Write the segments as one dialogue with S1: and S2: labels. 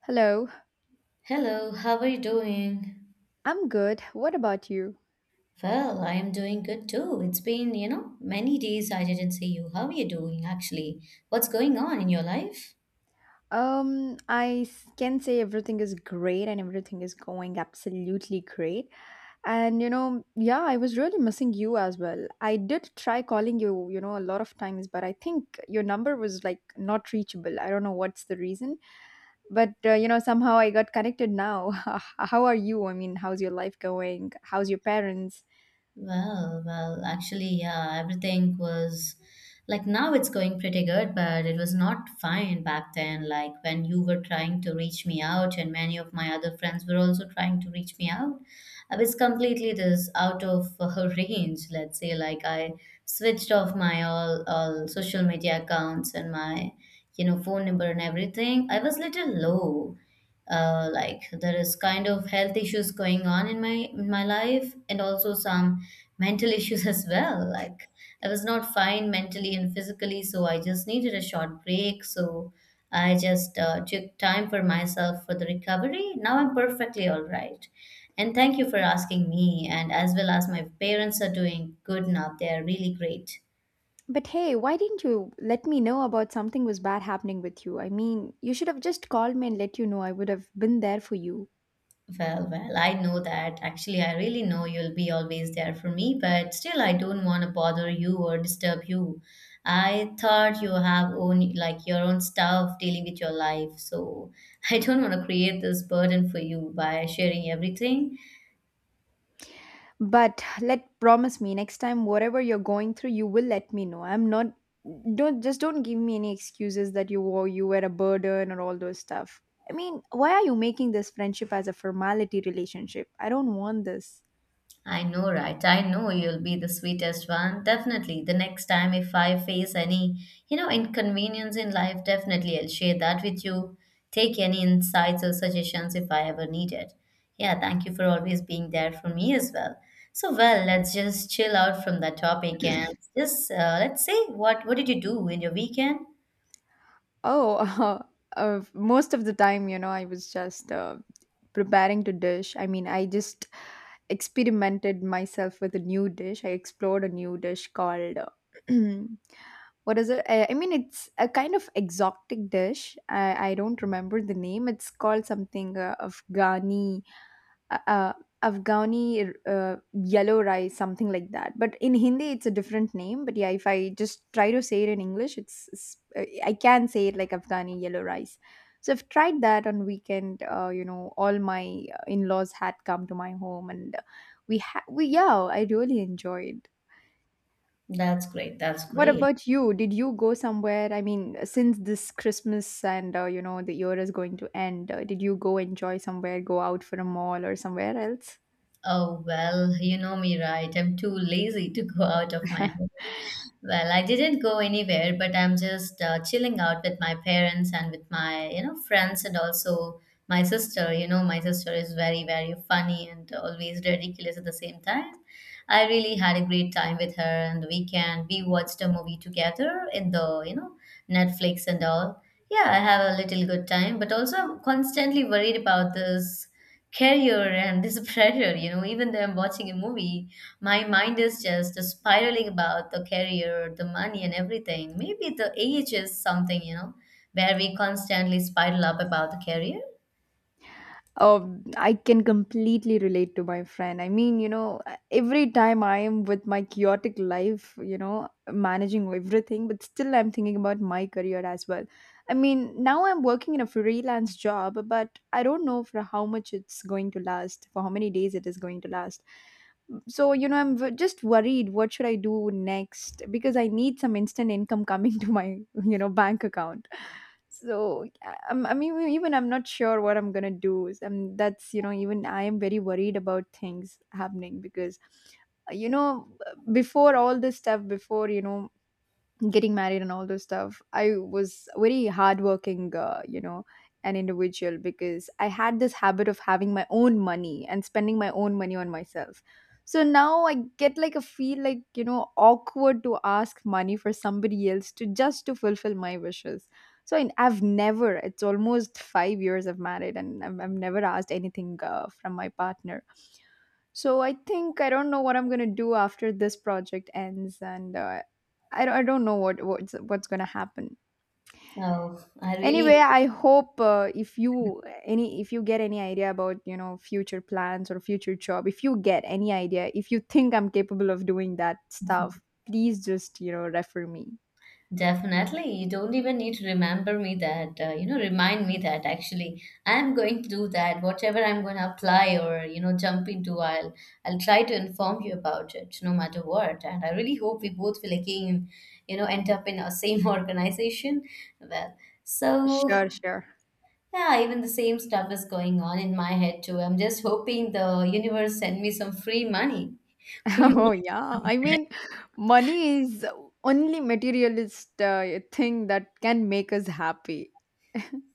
S1: Hello,
S2: Hello, how are you doing?
S1: I'm good. What about you?
S2: Well, I am doing good too. It's been, many days I didn't see you. How are you doing actually? What's going on in your life?
S1: I can say everything is great and everything is going absolutely great. And yeah, I was really missing you as well. I did try calling you, a lot of times, but I think your number was like not reachable. I don't know what's the reason, but somehow I got connected now. How are you? I mean, how's your life going? How's your parents?
S2: Well, actually, yeah, everything was like now it's going pretty good, but it was not fine back then. Like when you were trying to reach me out, and many of my other friends were also trying to reach me out. I was completely this out of range, let's say. Like I switched off my all social media accounts and my, phone number and everything. I was little low. Like there is kind of health issues going on in my life and also some mental issues as well. Like I was not fine mentally and physically, so I just needed a short break. So I just took time for myself for the recovery. Now I'm perfectly all right. And thank you for asking me, and as well as my parents are doing good now. They are really great.
S1: But hey, why didn't you let me know about something was bad happening with you? I mean, you should have just called me and let you know. I would have been there for you.
S2: Well, I know that. Actually, I really know you'll be always there for me, but still, I don't want to bother you or disturb you. I thought you have own like your own stuff dealing with your life, so I don't want to create this burden for you by sharing everything.
S1: But let promise me next time whatever you're going through, you will let me know. I'm not Don't just, don't give me any excuses that you were a burden or all those stuff. I mean, why are you making this friendship as a formality relationship? I don't want this.
S2: I know, right? I know you'll be the sweetest one. Definitely. The next time if I face any, inconvenience in life, definitely I'll share that with you. Take any insights or suggestions if I ever need it. Yeah, thank you for always being there for me as well. So, well, let's just chill out from that topic and just let's say what did you do in your weekend?
S1: Oh, most of the time, I was just preparing to dish. I mean, I just experimented myself with a new dish. I explored a new dish called what is it? I mean, it's a kind of exotic dish. i, I don't remember the name. It's called something uh, uh, Afghani yellow rice, something like that. But in Hindi, it's a different name. But yeah, if I just try to say it in English, it's I can say it like Afghani yellow rice. So I've tried that on weekend. All my in-laws had come to my home, and we had we yeah, I really enjoyed.
S2: That's great. That's
S1: What
S2: great.
S1: about you? Did you go somewhere? I mean, since this Christmas and, the year is going to end, did you go enjoy somewhere? Go out for a mall or somewhere else?
S2: Oh, well, you know me, right? I'm too lazy to go out of my home. Well, I didn't go anywhere, but I'm just chilling out with my parents and with my, friends and also my sister. You know, my sister is very, very funny and always ridiculous at the same time. I really had a great time with her and the weekend. We watched a movie together in the, Netflix and all. Yeah, I have a little good time, but also I'm constantly worried about this career and this pressure. Even though I'm watching a movie, my mind is just spiraling about the career, the money, and everything. Maybe the age is something, where we constantly spiral up about the career.
S1: I can completely relate to my friend. I mean, every time I am with my chaotic life, managing everything, but still I'm thinking about my career as well. I mean, now I'm working in a freelance job, but I don't know for how much it's going to last, for how many days it is going to last. So, I'm just worried what should I do next, because I need some instant income coming to my, bank account. So I mean, even I'm not sure what I'm gonna do, and that's, even I am very worried about things happening. Because, uh, you know before all this stuff, before getting married and all those stuff, I was very hardworking, an individual, because I had this habit of having my own money and spending my own money on myself. So now I get like a feel like, awkward to ask money for somebody else, to just to fulfill my wishes. So I've never — it's almost 5 years I've married, and I've never asked anything from my partner. So I think I don't know what I'm gonna do after this project ends, and I don't know what's gonna happen.
S2: Oh, I really.
S1: Anyway, I hope, if you any if you get any idea about, future plans or future job, if you get any idea, if you think I'm capable of doing that stuff, please just, refer me.
S2: Definitely. You don't even need to remember me that, you know, remind me that actually I'm going to do that. Whatever I'm going to apply or, you know, jump into, I'll try to inform you about it no matter what. And I really hope we both will again, end up in our same organization. Well, so
S1: Sure, sure.
S2: yeah, even the same stuff is going on in my head too. I'm just hoping the universe send me some free money. Free
S1: Oh
S2: money.
S1: yeah. I mean, money is only materialist, thing that can make us happy.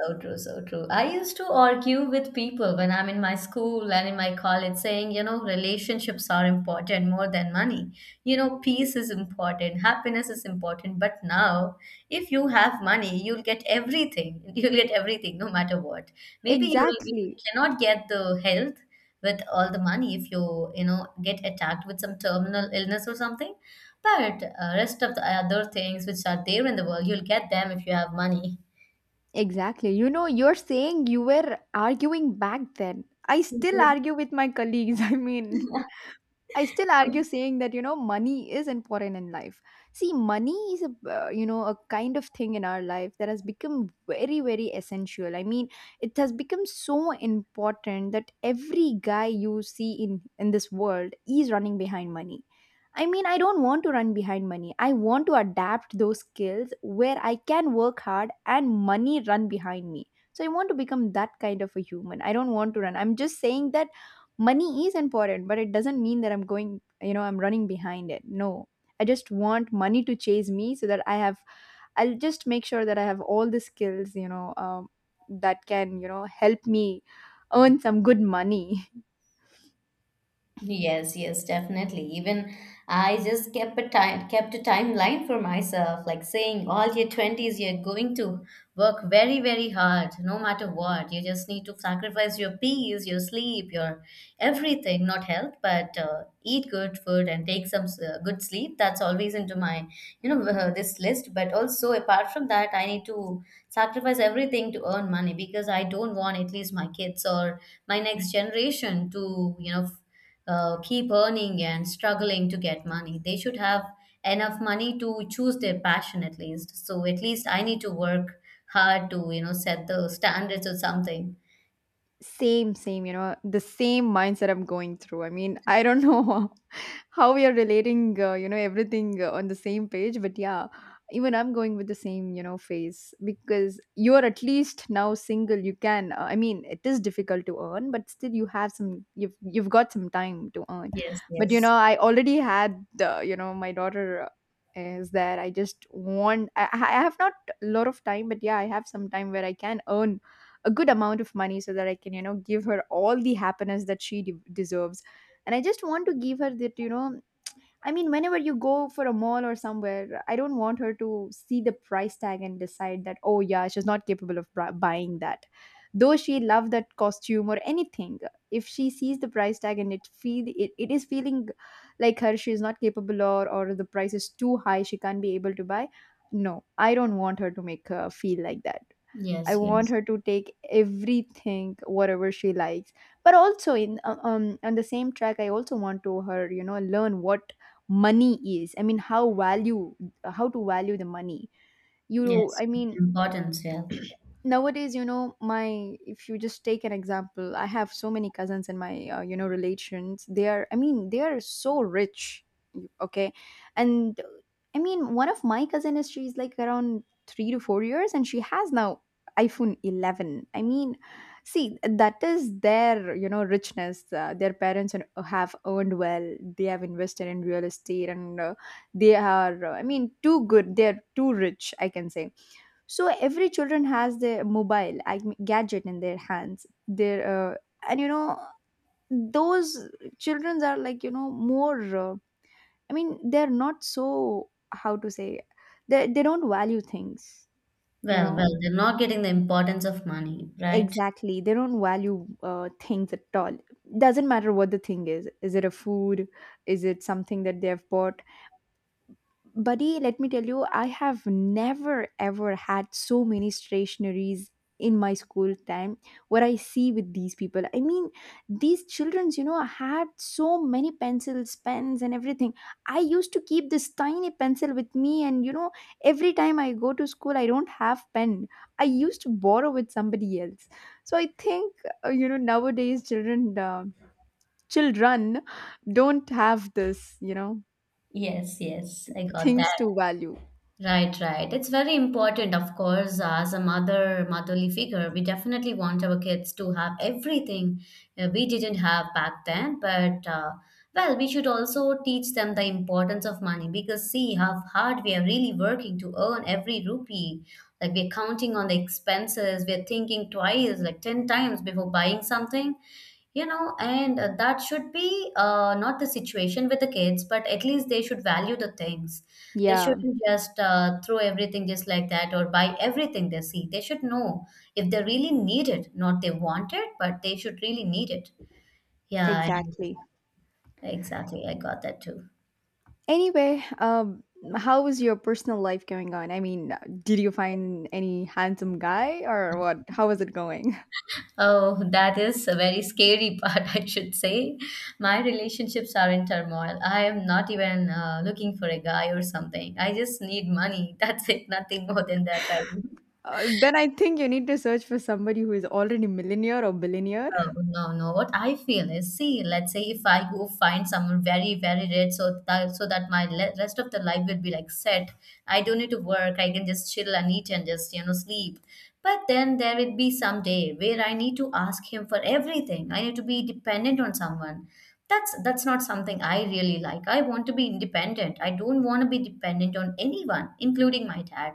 S2: So true, so true. I used to argue with people when I'm in my school and in my college saying, relationships are important more than money. You know, peace is important, happiness is important. But now, if you have money, you'll get everything. You'll get everything no matter what. Maybe you
S1: Exactly.
S2: cannot get the health with all the money if you, get attacked with some terminal illness or something. But rest of the other things which are there in the world, you'll get them if you have money.
S1: Exactly. You know, you're saying you were arguing back then. I still
S2: Yes,
S1: argue with my colleagues. I mean, I still argue saying that, money is important in life. See, money is a, kind of thing in our life that has become very, very essential. I mean, it has become so important that every guy you see in this world is running behind money. I mean, I don't want to run behind money. I want to adapt those skills where I can work hard and money run behind me. So I want to become that kind of a human. I don't want to run. I'm just saying that money is important, but it doesn't mean that I'm going, you know, I'm running behind it. No. I just want money to chase me so that I'll just make sure that I have all the skills, that can, help me earn some good money.
S2: yes, yes, definitely. Even I just kept a timeline for myself, like saying all your 20s you're going to work very, very hard, no matter what. You just need to sacrifice your peace, your sleep, your everything, not health, but eat good food and take some good sleep. That's always into my, this list. But also apart from that, I need to sacrifice everything to earn money because I don't want at least my kids or my next generation to keep earning and struggling to get money. They should have enough money to choose their passion at least. So at least I need to work hard to, set the standards or something.
S1: Same, same, the same mindset I'm going through. I mean, I don't know how we are relating, everything on the same page, but yeah, even I'm going with the same, phase, because you are at least now single. You can, I mean, it is difficult to earn, but still you have you've got some time to earn.
S2: Yes,
S1: But,
S2: yes.
S1: I already had, my daughter is there. I just want, I have not a lot of time, but yeah, I have some time where I can earn a good amount of money so that I can, give her all the happiness that deserves. And I just want to give her that. I mean, whenever you go for a mall or somewhere, I don't want her to see the price tag and decide that, oh, yeah, she's not capable of buying that. Though she love that costume or anything, if she sees the price tag and it is feeling like her, she is not capable, or the price is too high, she can't be able to buy. No, I don't want her to make her feel like that. I
S2: Yes,
S1: want
S2: yes.
S1: her to take everything, whatever she likes. But also in on the same track, I also want to her, learn what money is. I mean, how to value the money. You,
S2: Yes.
S1: I mean,
S2: Importance, yeah.
S1: nowadays, my, if you just take an example, I have so many cousins in my, relations. They are i mean they are so rich. Okay. And, I mean, one of my cousin is, she's like around 3 to 4 years, and she has now iPhone 11. I mean, see, that is their, richness. Their parents have earned well. They have invested in real estate, and they are, too good, they're too rich, I can say. So every children has their mobile, I mean, gadget in their hands, their and, those children are like, more, they're not so, how to say, they don't value things, you
S2: Well,
S1: know.
S2: well, they're not getting the importance of money, right?
S1: Exactly, they don't value, things at all. Doesn't matter what the thing is it a food, is it something that they have bought? Buddy, let me tell you, I have never ever had so many stationaries in my school time. What I see with these people, I mean, these childrens, had so many pencils, pens and everything. I used to keep this tiny pencil with me, and, every time I go to school, I don't have pen, I used to borrow with somebody else. So I think, nowadays children, children don't have this,
S2: Yes, yes. I got
S1: things
S2: that.
S1: to value.
S2: Right, right. It's very important, of course, as a mother, motherly figure. We definitely want our kids to have everything we didn't have back then. But well, we should also teach them the importance of money because see how hard we are really working to earn every rupee. Like, we're counting on the expenses, we're thinking twice, like 10 times before buying something, and that should be not the situation with the kids, but at least they should value the things. They
S1: Yeah.
S2: shouldn't just throw everything just like that or buy everything they see. They should know if they really need it, not they want it, but they should really need it. Yeah, and
S1: Exactly.
S2: exactly. I got that too.
S1: Anyway, how is your personal life going on? I mean, did you find any handsome guy or what? How is it going?
S2: Oh, that is a very scary part, I should say. My relationships are in turmoil. I am not even looking for a guy or something. I just need money. That's it. Nothing more than that, right?
S1: Then I think you need to search for somebody who is already millionaire or billionaire.
S2: No, no, no. What I feel is, see, let's say if I go find someone very, very rich, so that my le rest of the life will be like set. I don't need to work. I can just chill and eat and just, you know, sleep. But then there will be some day where I need to ask him for everything. I need to be dependent on someone. That's not something I really like. I want to be independent. I don't want to be dependent on anyone, including my dad.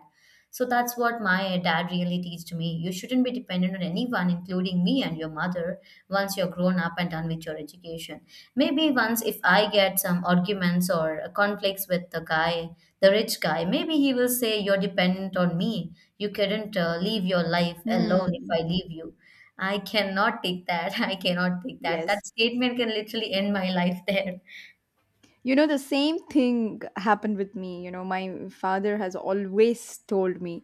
S2: So that's what my dad really teached me. You shouldn't be dependent on anyone, including me and your mother, once you're grown up and done with your education. Maybe once if I get some arguments or conflicts with the guy, the rich guy, maybe he will say, "You're dependent on me. You couldn't leave your life alone if
S1: Hmm.
S2: I leave you." I cannot take that. I cannot take that.
S1: Yes,
S2: That statement can literally end my life there.
S1: you know, the same thing happened with me. You know, my father has always told me,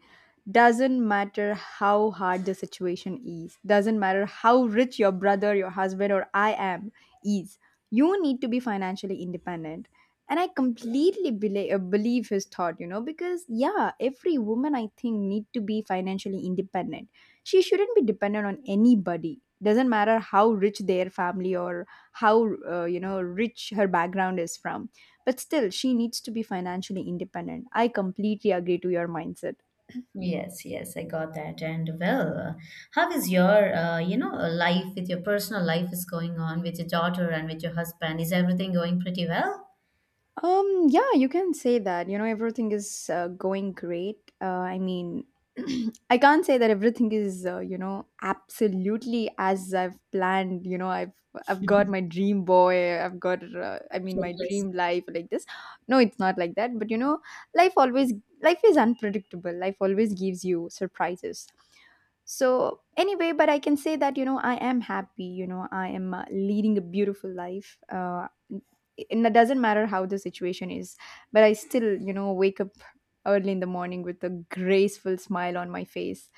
S1: doesn't matter how hard the situation is, doesn't matter how rich your brother, your husband, or I am is, you need to be financially independent. And I completely believe his thought, because yeah, every woman I think need to be financially independent. She shouldn't be dependent on anybody. Doesn't matter how rich their family, or how, rich her background is from, but still she needs to be financially independent. I completely agree to your mindset.
S2: Yes, yes, I got that. And well, how is your, you know, life with your personal life is going on with your daughter and with your husband? Is everything going pretty well?
S1: Yeah, you can say that. You know, everything is, going great. I mean, I can't say that everything is, absolutely as I've planned. You know, I've got my dream boy. I've got, I mean, my
S2: Yes.
S1: dream life like this. No, it's not like that. But, life always life is unpredictable. Life always gives you surprises. So anyway, but I can say that, I am happy. You know, I am, leading a beautiful life. It doesn't matter how the situation is, but I still, wake up early in the morning with a graceful smile on my face,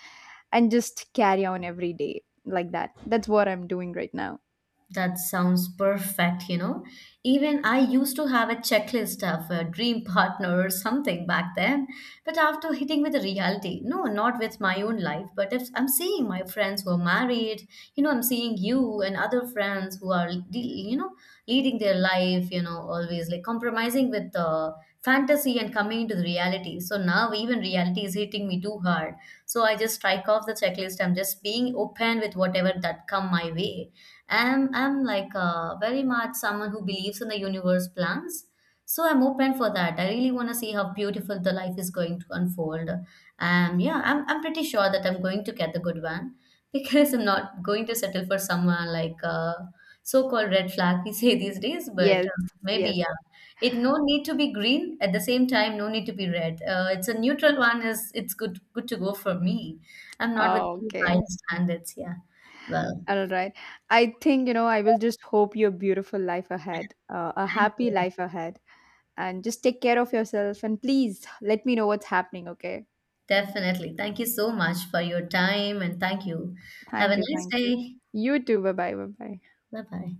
S1: and just carry on every day like that. That's what I'm doing right now.
S2: That sounds perfect, you know. Even I used to have a checklist of a dream partner or something back then. But after hitting with the reality, no, not with my own life, but if I'm seeing my friends who are married, you know, I'm seeing you and other friends who are, you know, leading their life, you know, always like compromising with the fantasy and coming into the reality. So now even reality is hitting me too hard. So I just strike off the checklist. I'm just being open with whatever that come my way. I'm like very much someone who believes in the universe plans. So I'm open for that. I really want to see how beautiful the life is going to unfold. Yeah, I'm pretty sure that I'm going to get the good one because I'm not going to settle for someone like so-called red flag we say these days. But
S1: Yes,
S2: maybe
S1: yes.
S2: yeah, it no need to be green at the same time, no need to be red. It's a neutral one. Is it's good to go for me. I'm not with
S1: Oh,
S2: too high
S1: okay.
S2: standards. Yeah. Well,
S1: All right, I think, I will just hope your beautiful life ahead, a
S2: thank
S1: happy
S2: you.
S1: life ahead, and just take care of yourself, and please let me know what's happening, okay?
S2: Definitely. Thank you so much for your time and thank you. Have a
S1: Thank you,
S2: nice
S1: thank you.
S2: day.
S1: You too. Bye bye, bye bye.
S2: Bye bye.